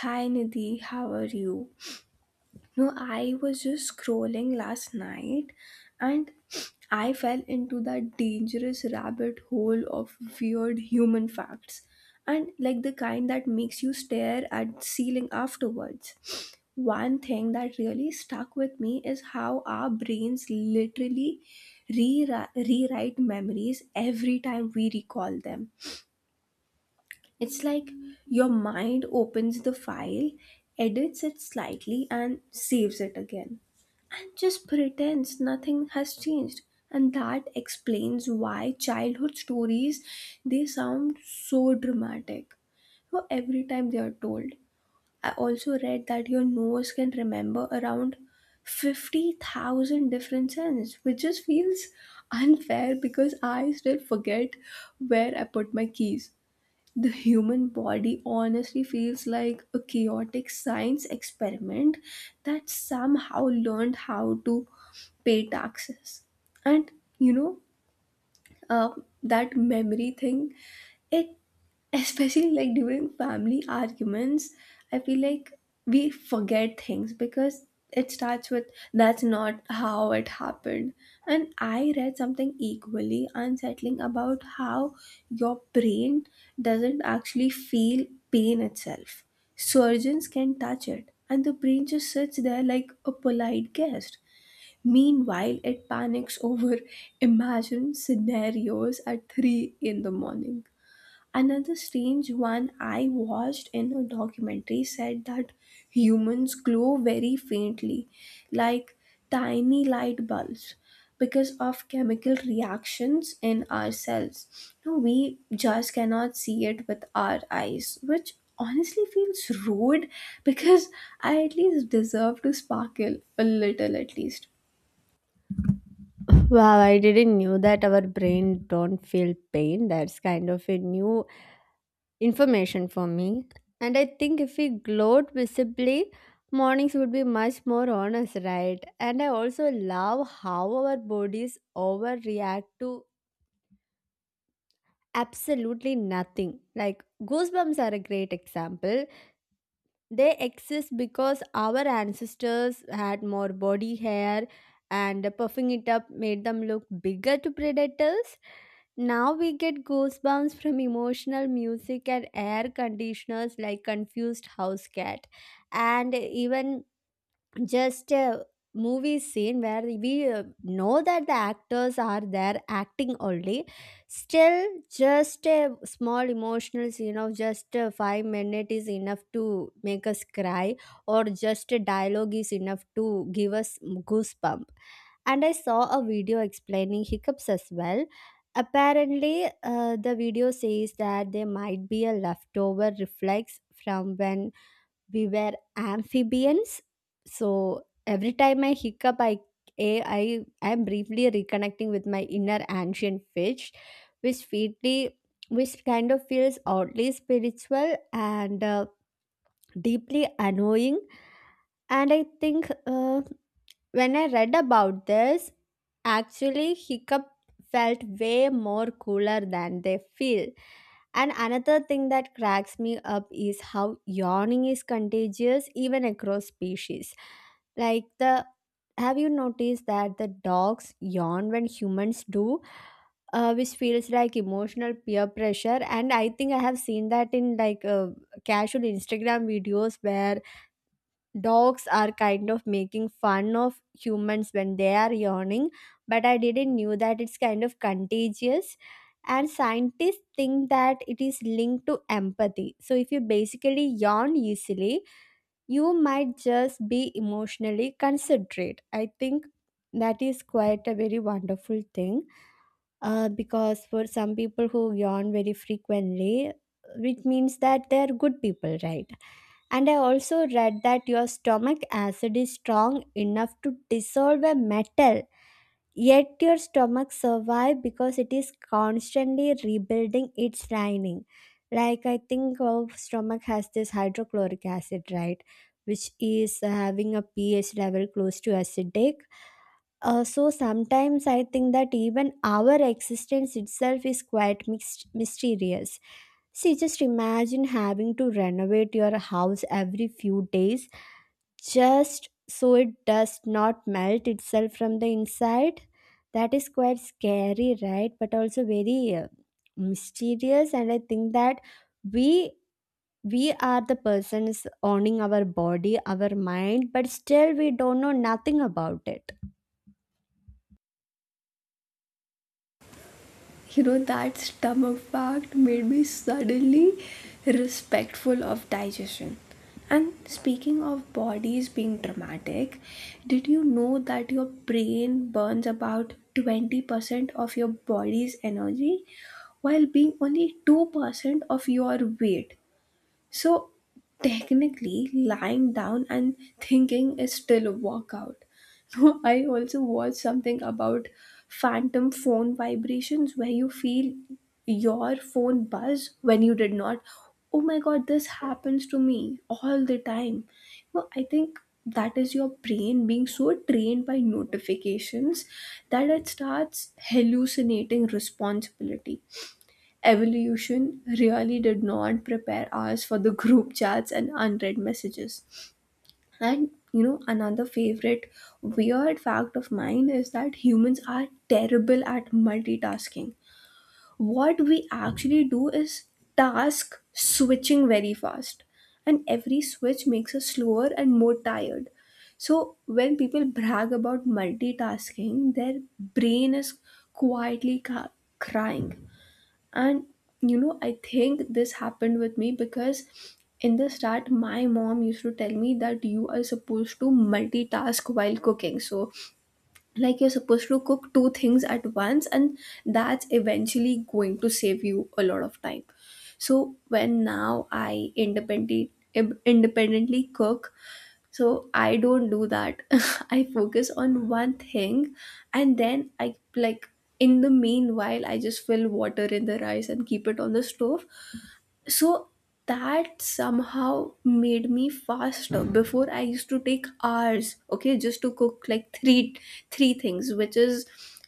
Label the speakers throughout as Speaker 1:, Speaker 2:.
Speaker 1: Hi Nidhi, how are you? No, I was just scrolling last night and I fell into that dangerous rabbit hole of weird human facts, and like the kind that makes you stare at ceiling afterwards. One thing that really stuck with me is how our brains literally rewrite memories every time we recall them. It's like your mind opens the file, edits it slightly, and saves it again. And just pretends nothing has changed. And that explains why childhood stories, they sound so dramatic. So every time they are told. I also read that your nose can remember around 50,000 different scents, which just feels unfair because I still forget where I put my keys. The human body honestly feels like a chaotic science experiment that somehow learned how to pay taxes and you know uh, that memory thing, it, especially like during family arguments, I feel like we forget things because it starts with that's not how it happened. And I read something equally unsettling about how your brain doesn't actually feel pain itself. Surgeons can touch it and the brain just sits there like a polite guest, meanwhile it panics over imagined scenarios at 3 in the morning. Another strange one I watched in a documentary said that humans glow very faintly, like tiny light bulbs, because of chemical reactions in our cells. Now, we just cannot see it with our eyes, which honestly feels rude because I at least deserve to sparkle a little at least.
Speaker 2: Wow, I didn't knew that our brain don't feel pain. That's kind of a new information for me. And I think if we glowed visibly, mornings would be much more honest, right? And I also love how our bodies overreact to absolutely nothing. Like goosebumps are a great example. They exist because our ancestors had more body hair and puffing it up made them look bigger to predators. Now we get goosebumps from emotional music and air conditioners like confused house cat, and even just a movie scene where we know that the actors are there acting only, still just a small emotional scene of just 5 minutes is enough to make us cry, or just a dialogue is enough to give us goosebump. And I saw a video explaining hiccups as well. Apparently, the video says that they might be a leftover reflex from when we were amphibians. So every time I hiccup, I I am briefly reconnecting with my inner ancient fish, which feedly which kind of feels oddly spiritual and deeply annoying. And I think when I read about this, actually hiccup felt way more cooler than they feel. And another thing that cracks me up is how yawning is contagious even across species. Like the, have you noticed that the dogs yawn when humans do, which feels like emotional peer pressure? And I think I have seen that in like casual Instagram videos where dogs are kind of making fun of humans when they are yawning, but I didn't knew that it's kind of contagious. And scientists think that it is linked to empathy, so if you basically yawn easily, you might just be emotionally considerate. I think that is quite a very wonderful thing, because for some people who yawn very frequently, which means that they are good people, right? And I also read that your stomach acid is strong enough to dissolve a metal, yet your stomach survives because it is constantly rebuilding its lining. Like I think our stomach has this hydrochloric acid, right? Which is having a pH level close to acidic. So sometimes I think that even our existence itself is quite mixed, mysterious. See, just imagine having to renovate your house every few days just so it does not melt itself from the inside. That is quite scary, right? But also very mysterious. And I think that we we are the persons owning our body, our mind, but still we don't know nothing about it.
Speaker 1: You know that stomach fact made me suddenly respectful of digestion. And speaking of bodies being dramatic, did you know that your brain burns about 20% of your body's energy while being only 2% of your weight? So technically, lying down and thinking is still a workout. No, I also watched something about phantom phone vibrations where you feel your phone buzz when you did not. Oh my god, this happens to me all the time. No, I think that is your brain being so trained by notifications that it starts hallucinating responsibility. Evolution really did not prepare us for the group chats and unread messages. And you know, another favorite weird fact of mine is that humans are terrible at multitasking. What we actually do is task switching very fast, and every switch makes us slower and more tired. So, when people brag about multitasking, their brain is quietly crying. And you know, I think this happened with me because in the start, my mom used to tell me that you are supposed to multitask while cooking. So, like, you're supposed to cook two things at once, and that's eventually going to save you a lot of time. So, when now I independently cook, so I don't do that. I focus on one thing, and then I like, in the meanwhile I just fill water in the rice and keep it on the stove. So that somehow made me faster. Before I used to take hours, okay, just to cook like three things, which is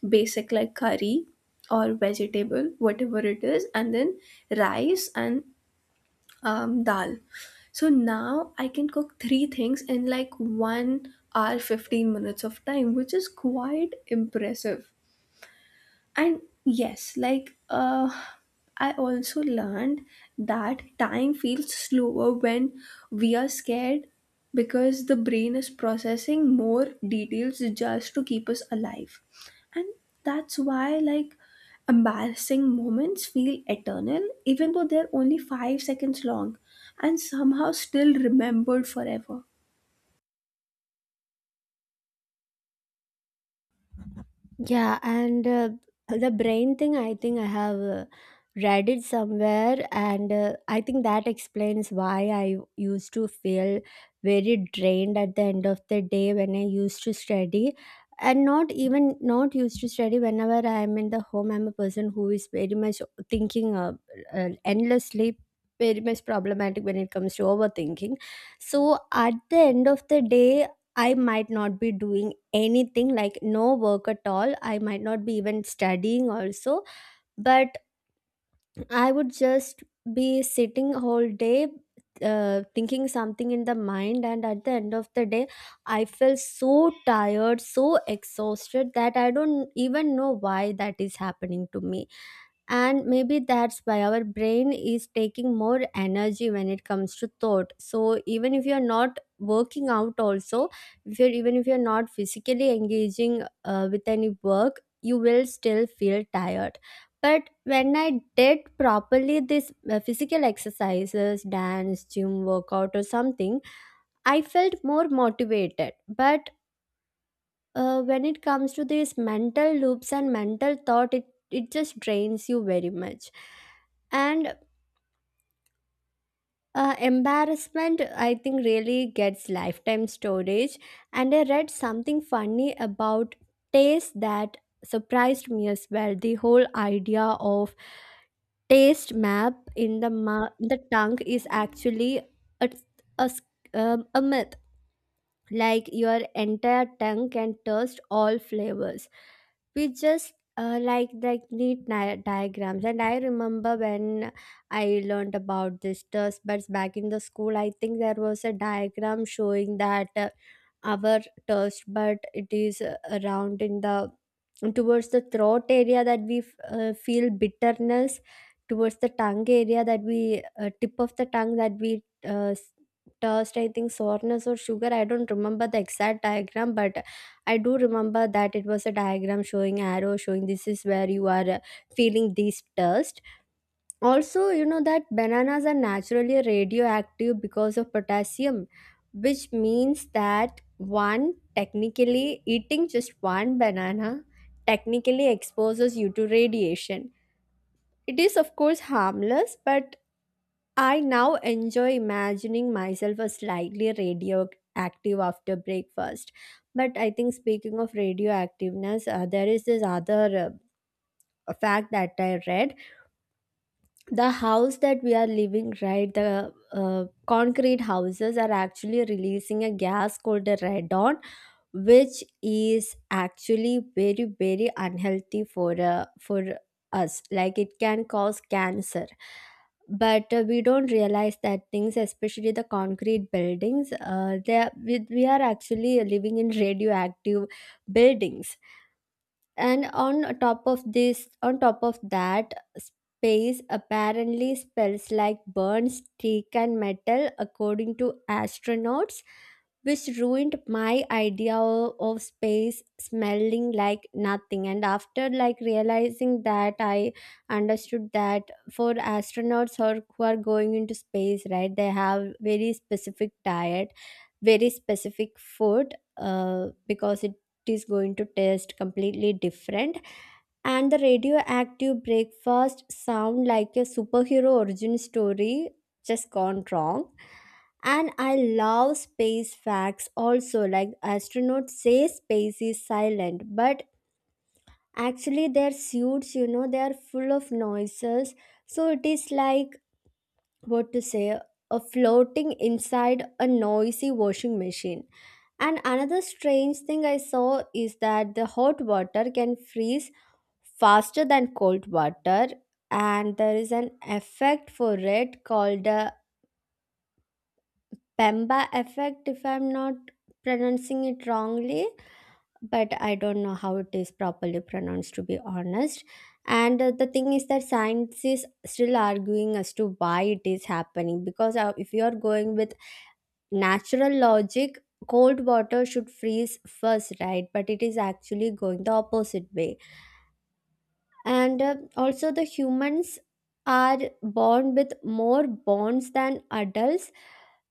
Speaker 1: basic, like curry or vegetable, whatever it is, and then rice and dal. So now I can cook three things in like 1 hour, 15 minutes of time, which is quite impressive. And yes, like I also learned that time feels slower when we are scared because the brain is processing more details just to keep us alive. And that's why, like, embarrassing moments feel eternal even though they're only 5 seconds long and somehow still remembered forever.
Speaker 2: Yeah, and the brain thing, I think I have read it somewhere, and I think that explains why I used to feel very drained at the end of the day when I used to study. And not even not used to study whenever I am in the home. I'm a person who is very much thinking endlessly, very much problematic when it comes to overthinking. So at the end of the day, I might not be doing anything, like no work at all, I might not be even studying also, but I would just be sitting whole day thinking something in the mind, and at the end of the day I felt so tired, so exhausted, that I don't even know why that is happening to me. And maybe that's why our brain is taking more energy when it comes to thought, so even if you're not working out also, if you're even if you're not physically engaging with any work, you will still feel tired. But when I did properly this physical exercises, dance, gym workout or something, I felt more motivated. But when it comes to these mental loops and mental thought, it just drains you very much. And embarrassment, I think, really gets lifetime storage. And I read something funny about taste that surprised me as well. The whole idea of taste map in the the tongue is actually a a, s- a myth. Like your entire tongue can taste all flavors. We just like neat diagrams, and I remember when I learned about this taste buds back in the school, I think there was a diagram showing that our taste bud, it is around in the, towards the throat area that we feel bitterness, towards the tongue area that we tip of the tongue that we uh, s- taste I think soreness or sugar. I don't remember the exact diagram, but I do remember that it was a diagram showing arrow showing this is where you are feeling this thirst. Also, you know that bananas are naturally radioactive because of potassium, which means that one technically eating just one banana technically exposes you to radiation. It is, of course, harmless, but I now enjoy imagining myself as slightly radioactive after breakfast. But I think, speaking of radioactiveness, there is this other fact that I read. The house that we are living, right, the concrete houses are actually releasing a gas called the radon, which is actually very very unhealthy for us. Like it can cause cancer, but we don't realize that things, especially the concrete buildings, they are, we are actually living in radioactive buildings. And on top of this, on top of that, space apparently spells like burn stick and metal according to astronauts, which ruined my idea of space smelling like nothing. And after like realizing that, I understood that for astronauts or who are going into space, right, they have very specific diet, very specific food because it is going to taste completely different. And the radioactive breakfast sound like a superhero origin story just gone wrong. And I love space facts also. Like astronauts say space is silent, but actually their suits, you know, they are full of noises. So it is like, what to say, a floating inside a noisy washing machine. And another strange thing I saw is that the hot water can freeze faster than cold water, and there is an effect for it called the pemba effect, if I'm not pronouncing it wrongly. But I don't know how it is properly pronounced, to be honest. And the thing is that science is still arguing as to why it is happening, because if you are going with natural logic, cold water should freeze first, right? But it is actually going the opposite way. And also the humans are born with more bonds than adults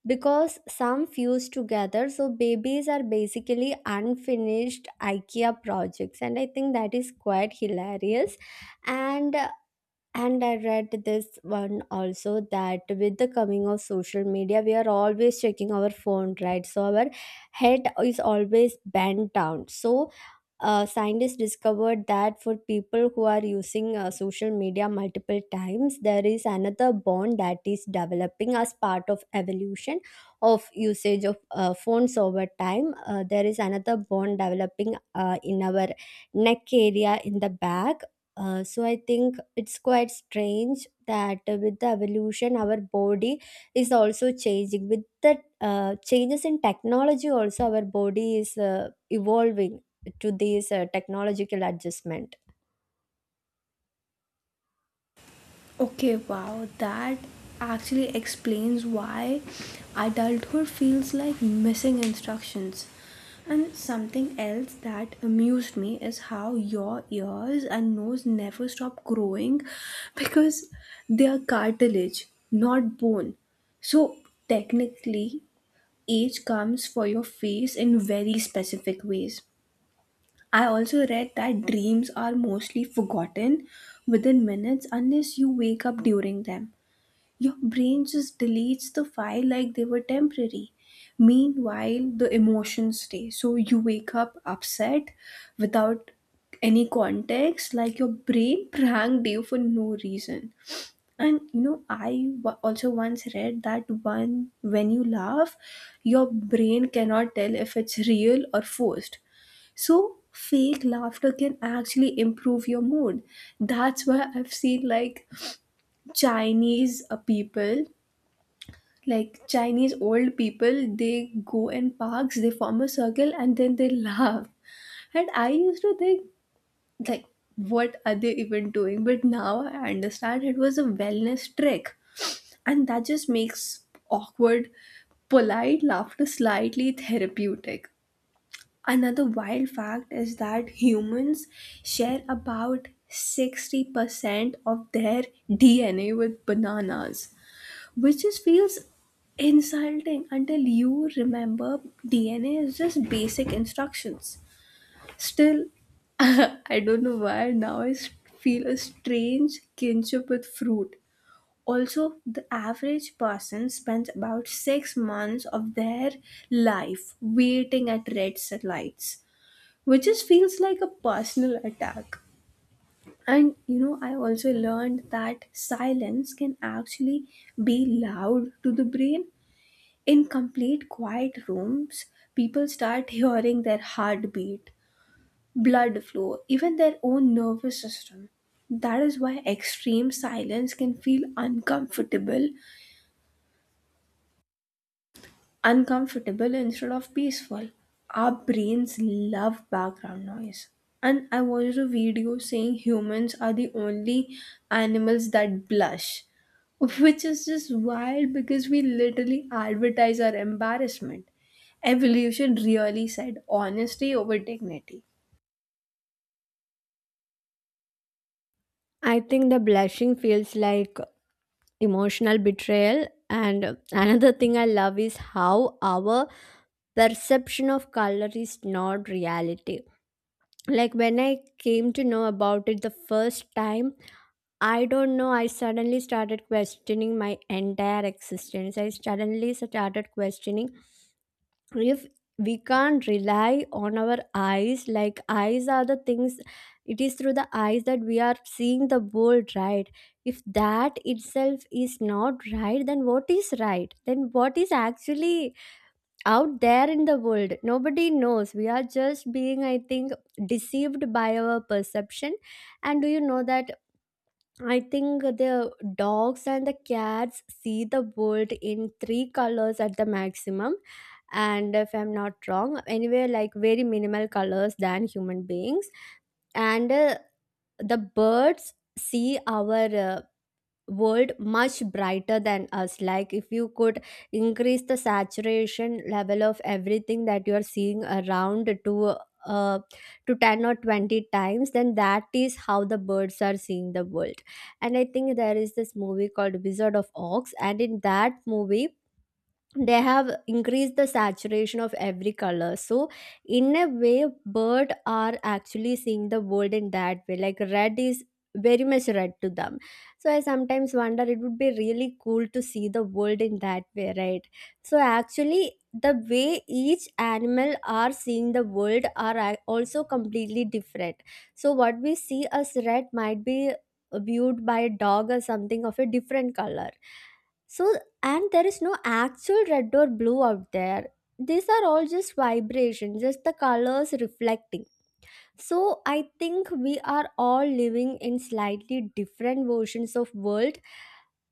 Speaker 2: because some fuse together, so babies are basically unfinished Ikea projects, and I think that is quite hilarious. And and I read this one also that with the coming of social media, we are always checking our phone, right? So our head is always bent down. So scientists discovered that for people who are using social media multiple times, there is another bond that is developing as part of evolution of usage of phones over time. There is another bond developing in our neck area in the back. So I think it's quite strange that with the evolution, our body is also changing. With the changes in technology, also our body is evolving to these technological adjustment.
Speaker 1: Okay, wow, that actually explains why adulthood feels like missing instructions. And something else that amused me is how your ears and nose never stop growing because they are cartilage, not bone. So, technically, age comes for your face in very specific ways. I also read that dreams are mostly forgotten within minutes unless you wake up during them. Your brain just deletes the file like they were temporary. Meanwhile, the emotions stay. So you wake up upset without any context, like your brain pranked you for no reason. And you know, I also once read that one, when you laugh, your brain cannot tell if it's real or forced. So fake laughter can actually improve your mood. That's why I've seen like Chinese people, like Chinese old people, they go in parks, they form a circle, and then they laugh. And I used to think, like, what are they even doing? But now I understand it was a wellness trick. And that just makes awkward polite laughter slightly therapeutic. Another wild fact is that humans share about 60% of their dna with bananas, which just feels insulting until you remember DNA is just basic instructions. Still, I don't know why now I feel a strange kinship with fruit. Also, the average person spends about 6 months of their life waiting at red lights, which just feels like a personal attack. And you know, I also learned that silence can actually be loud to the brain. In complete quiet rooms, people start hearing their heartbeat, blood flow, even their own nervous system. That is why extreme silence can feel uncomfortable instead of peaceful. Our brains love background noise. And I watched a video saying humans are the only animals that blush, which is just wild because we literally advertise our embarrassment. Evolution really said honesty over dignity.
Speaker 2: I think the blushing feels like emotional betrayal. And another thing I love is how our perception of color is not reality. Like when I came to know about it the first time, I don't know, I suddenly started questioning my entire existence. I suddenly started questioning, if we can't rely on our eyes, like eyes are the things, it is through the eyes that we are seeing the world, right? If that itself is not right, then what is right? Then what is actually out there in the world? Nobody knows. We are just being, I think, deceived by our perception. And do you know that, I think the dogs and the cats see the world in three colors at the maximum, and if I'm not wrong anyway, like very minimal colors than human beings. And the birds see our world much brighter than us. Like if you could increase the saturation level of everything that you are seeing around uh, to 10 or 20 times, then that is how the birds are seeing the world. And I think there is this movie called Wizard of Oz, and in that movie they have increased the saturation of every color, so in a way bird are actually seeing the world in that way, like red is very much red to them. So I sometimes wonder, it would be really cool to see the world in that way, right? So actually the way each animal are seeing the world are also completely different. So what we see as red might be viewed by a dog or something of a different color. So and there is no actual red or blue out there. These are all just vibrations, just the colors reflecting. So I think we are all living in slightly different versions of world.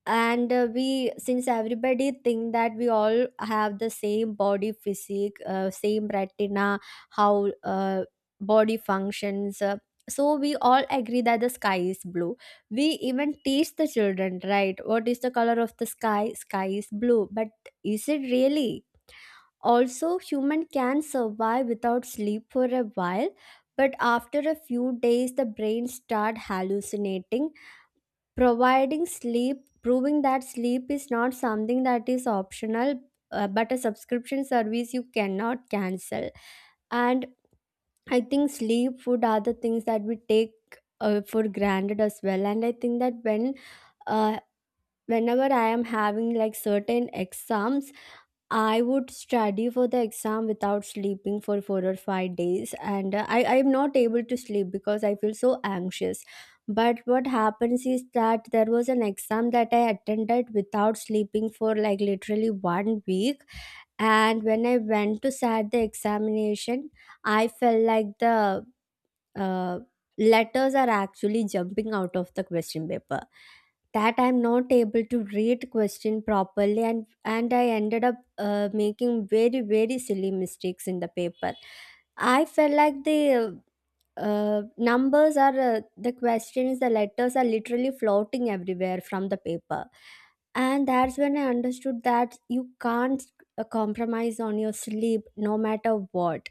Speaker 2: And We, since everybody think that we all have the same body physique, same retina, how body functions, so we all agree that the sky is blue. We even teach the children, right? What is the color of the sky? Sky is blue, but is it really? Also human can survive without sleep for a while, but after a few days the brain start hallucinating, providing sleep, proving that sleep is not something that is optional, but a subscription service you cannot cancel. And I think sleep, food are the things that we take for granted as well. And I think that uh, whenever I am having like certain exams, I would study for the exam without sleeping for 4 or 5 days, and I am not able to sleep because I feel so anxious. But what happens is that there was an exam that I attended without sleeping for like literally 1 week, and when I went to sat the examination, I felt like the uh, letters are actually jumping out of the question paper, that I'm not able to read question properly, and I ended up making very very silly mistakes in the paper. I felt like the numbers are, the questions, the letters are literally floating everywhere from the paper. And that's when I understood that you can't compromise on your sleep no matter what.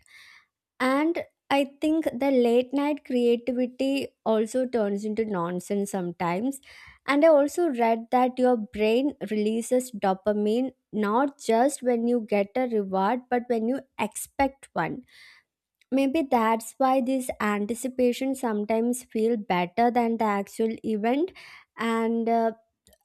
Speaker 2: And I think the late night creativity also turns into nonsense sometimes. And I also read that your brain releases dopamine not just when you get a reward but when you expect one. Maybe that's why this anticipation sometimes feel better than the actual event. And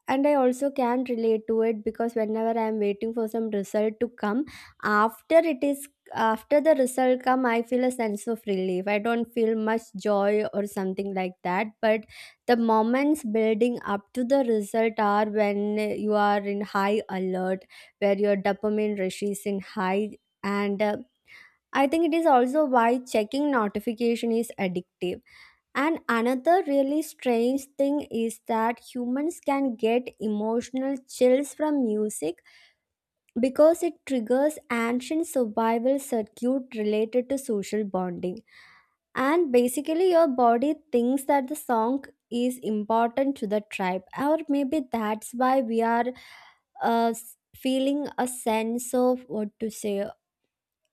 Speaker 2: and I also can relate to it because whenever I'm waiting for some result to come, after it is after the result come, I feel a sense of relief. I don't feel much joy or something like that, but the moments building up to the result are when you are in high alert, where your dopamine rush is in high. And I think it is also why checking notification is addictive. And another really strange thing is that humans can get emotional chills from music because it triggers ancient survival circuit related to social bonding. And basically your body thinks that the song is important to the tribe. Or maybe that's why we are uh, feeling a sense of what to say,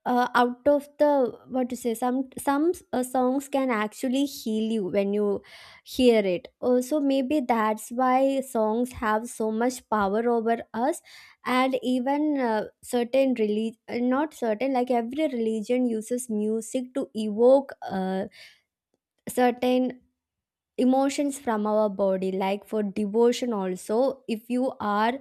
Speaker 2: out of the what to say, some songs can actually heal you when you hear it. So maybe that's why songs have so much power over us. And even certain religion, not certain, like every religion uses music to evoke certain emotions from our body. Like for devotion also, if you are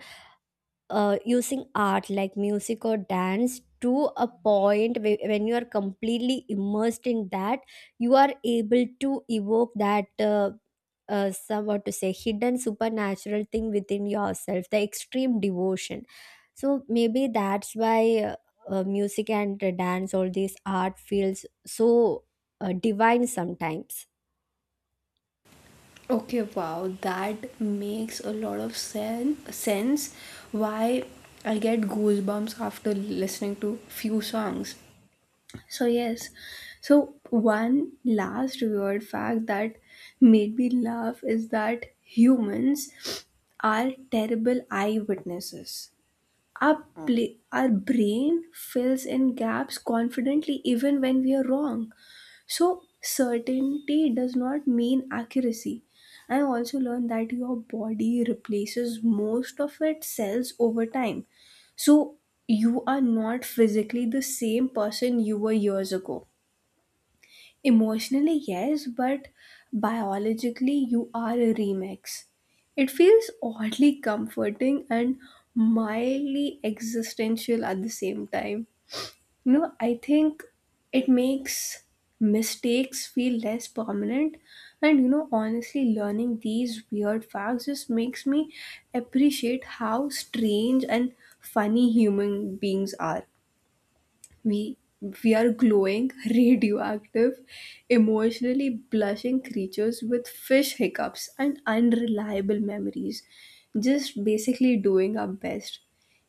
Speaker 2: using art like music or dance to a point when you are completely immersed in that, you are able to evoke that some, what to say, hidden supernatural thing within yourself, the extreme devotion. So maybe that's why music and dance, all these art feels so divine sometimes.
Speaker 1: Okay, wow, that makes a lot of sense. Why I get goosebumps after listening to few songs. So yes, so one last weird fact that made me laugh is that humans are terrible eyewitnesses. Our, our brain fills in gaps confidently even when we are wrong. So certainty does not mean accuracy. I also learned that your body replaces most of its cells over time. So you are not physically the same person you were years ago. Emotionally, yes, but biologically, you are a remix. It feels oddly comforting and mildly existential at the same time. You know, I think it makes mistakes feel less permanent. And you know, honestly, learning these weird facts just makes me appreciate how strange and funny human beings are. We we are glowing, radioactive, emotionally blushing creatures with fish hiccups and unreliable memories, just basically doing our best.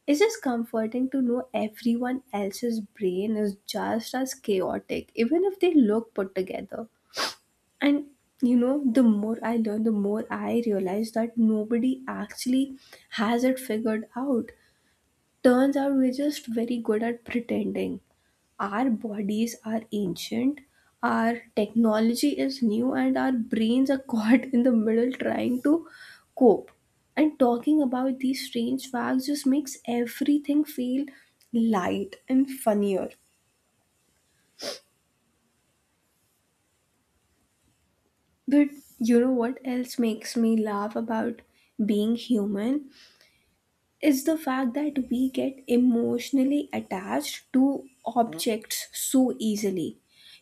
Speaker 1: It's just comforting to know everyone else's brain is just as chaotic, even if they look put together. And you know, the more I learn, the more I realize that nobody actually has it figured out. Turns out we're just very good at pretending our bodies are ancient, our technology is new, and our brains are caught in the middle trying to cope. And talking about these strange facts just makes everything feel light and funnier. But you know what else makes me laugh about being human? Is the fact that we get emotionally attached to objects so easily.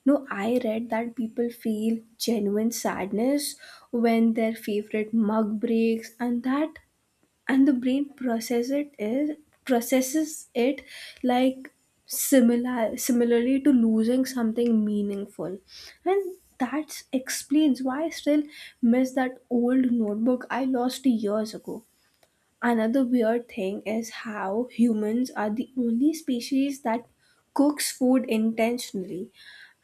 Speaker 1: No, I read that people feel genuine sadness when their favorite mug breaks, and that and the brain processes it like similarly to losing something meaningful. And that explains why I still miss that old notebook I lost years ago. Another weird thing is how humans are the only species that cooks food intentionally.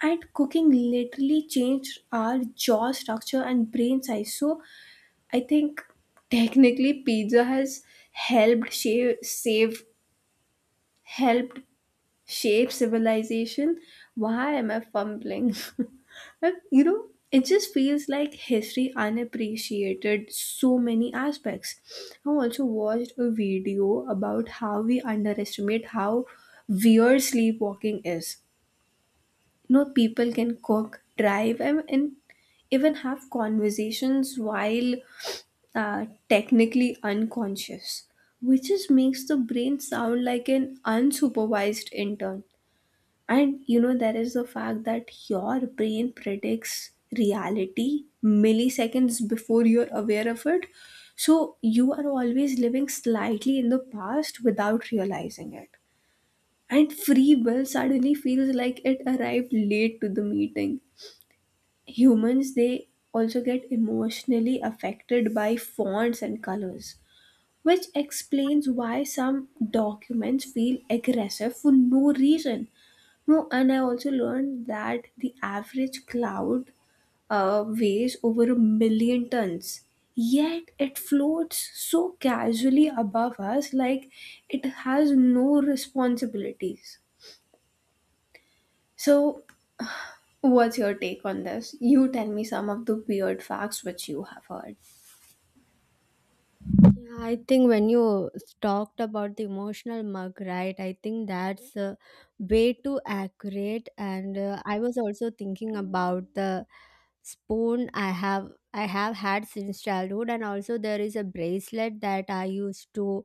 Speaker 1: And cooking literally changed our jaw structure and brain size. So I think technically pizza has helped shave, save helped shape civilization. Why am I fumbling? And, you know, it just feels like history unappreciated so many aspects. I also watched a video about how we underestimate how weird sleepwalking is. You know, people can cook, drive, and even have conversations while technically unconscious, which just makes the brain sound like an unsupervised intern. And you know, there is the fact that your brain predicts reality milliseconds before you're aware of it. So you are always living slightly in the past without realizing it. And free will suddenly feels like it arrived late to the meeting. Humans, they also get emotionally affected by fonts and colors, which explains why some documents feel aggressive for no reason. No, and I also learned that the average cloud weighs over a million tons, yet it floats so casually above us like it has no responsibilities. So, what's your take on this? You tell me some of the weird facts which you have heard.
Speaker 2: Yeah, I think when you talked about the emotional mug, right? I think that's way too accurate. And I was also thinking about the spoon I have had since childhood. And also there is a bracelet that I used to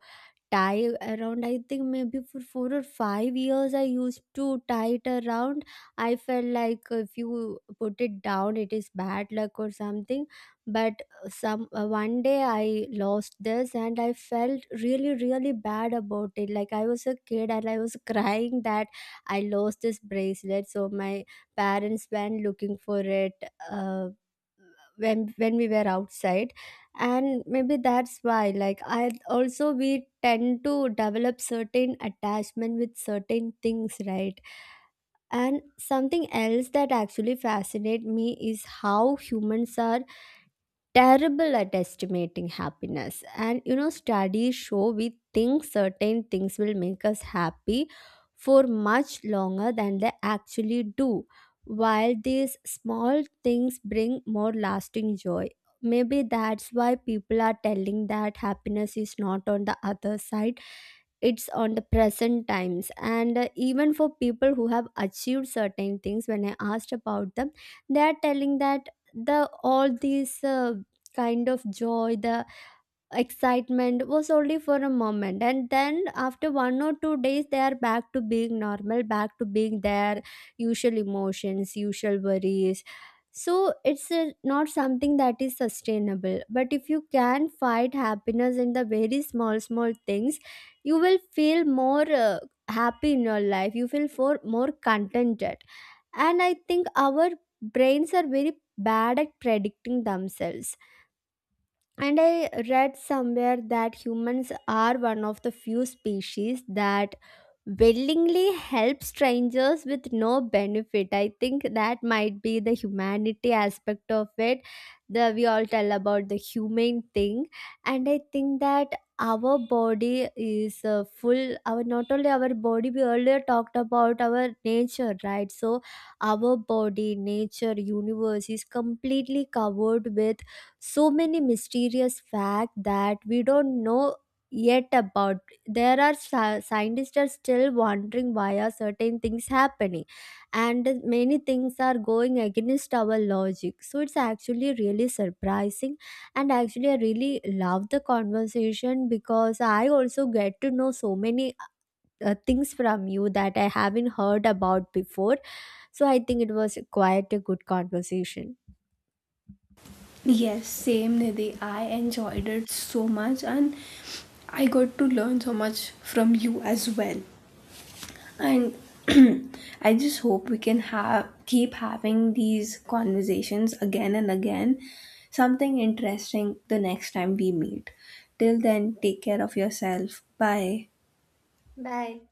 Speaker 2: tie around. I think maybe for 4 or 5 years I used to tie it around. I felt like if you put it down it is bad luck or something. But some one day I lost this and I felt really really bad about it. Like I was a kid and I was crying that I lost this bracelet, so my parents went looking for it, uh, when we were outside. And maybe that's why, like, I also, we tend to develop certain attachment with certain things, right? And something else that actually fascinates me is how humans are terrible at estimating happiness. And you know, studies show we think certain things will make us happy for much longer than they actually do, while these small things bring more lasting joy. Maybe that's why people are telling that happiness is not on the other side, it's on the present times. And even for people who have achieved certain things, when I asked about them, they are telling that the all these kind of joy, the excitement was only for a moment, and then after 1 or 2 days they are back to being normal, back to being their usual emotions, usual worries. So it's not something that is sustainable. But if you can find happiness in the very small small things, you will feel more happy in your life, you feel for more contented. And I think our brains are very bad at predicting themselves. And I read somewhere that humans are one of the few species that willingly help strangers with no benefit. I think that might be the humanity aspect of it. The we all tell about the humane thing, and I think that our body is full. Our, not only our body. We earlier talked about our nature, right? So our body, nature, universe is completely covered with so many mysterious facts that we don't know yet about. There are scientists are still wondering why are certain things happening, and many things are going against our logic, so it's actually really surprising. And actually I really love the conversation because I also get to know so many things from you that I haven't heard about before. So I think it was quite a good conversation.
Speaker 1: Yes, same Nidhi. I enjoyed it so much and I got to learn so much from you as well. And I just hope we can have keep having these conversations again and again, something interesting the next time we meet. Till then, take care of yourself. Bye.
Speaker 2: Bye.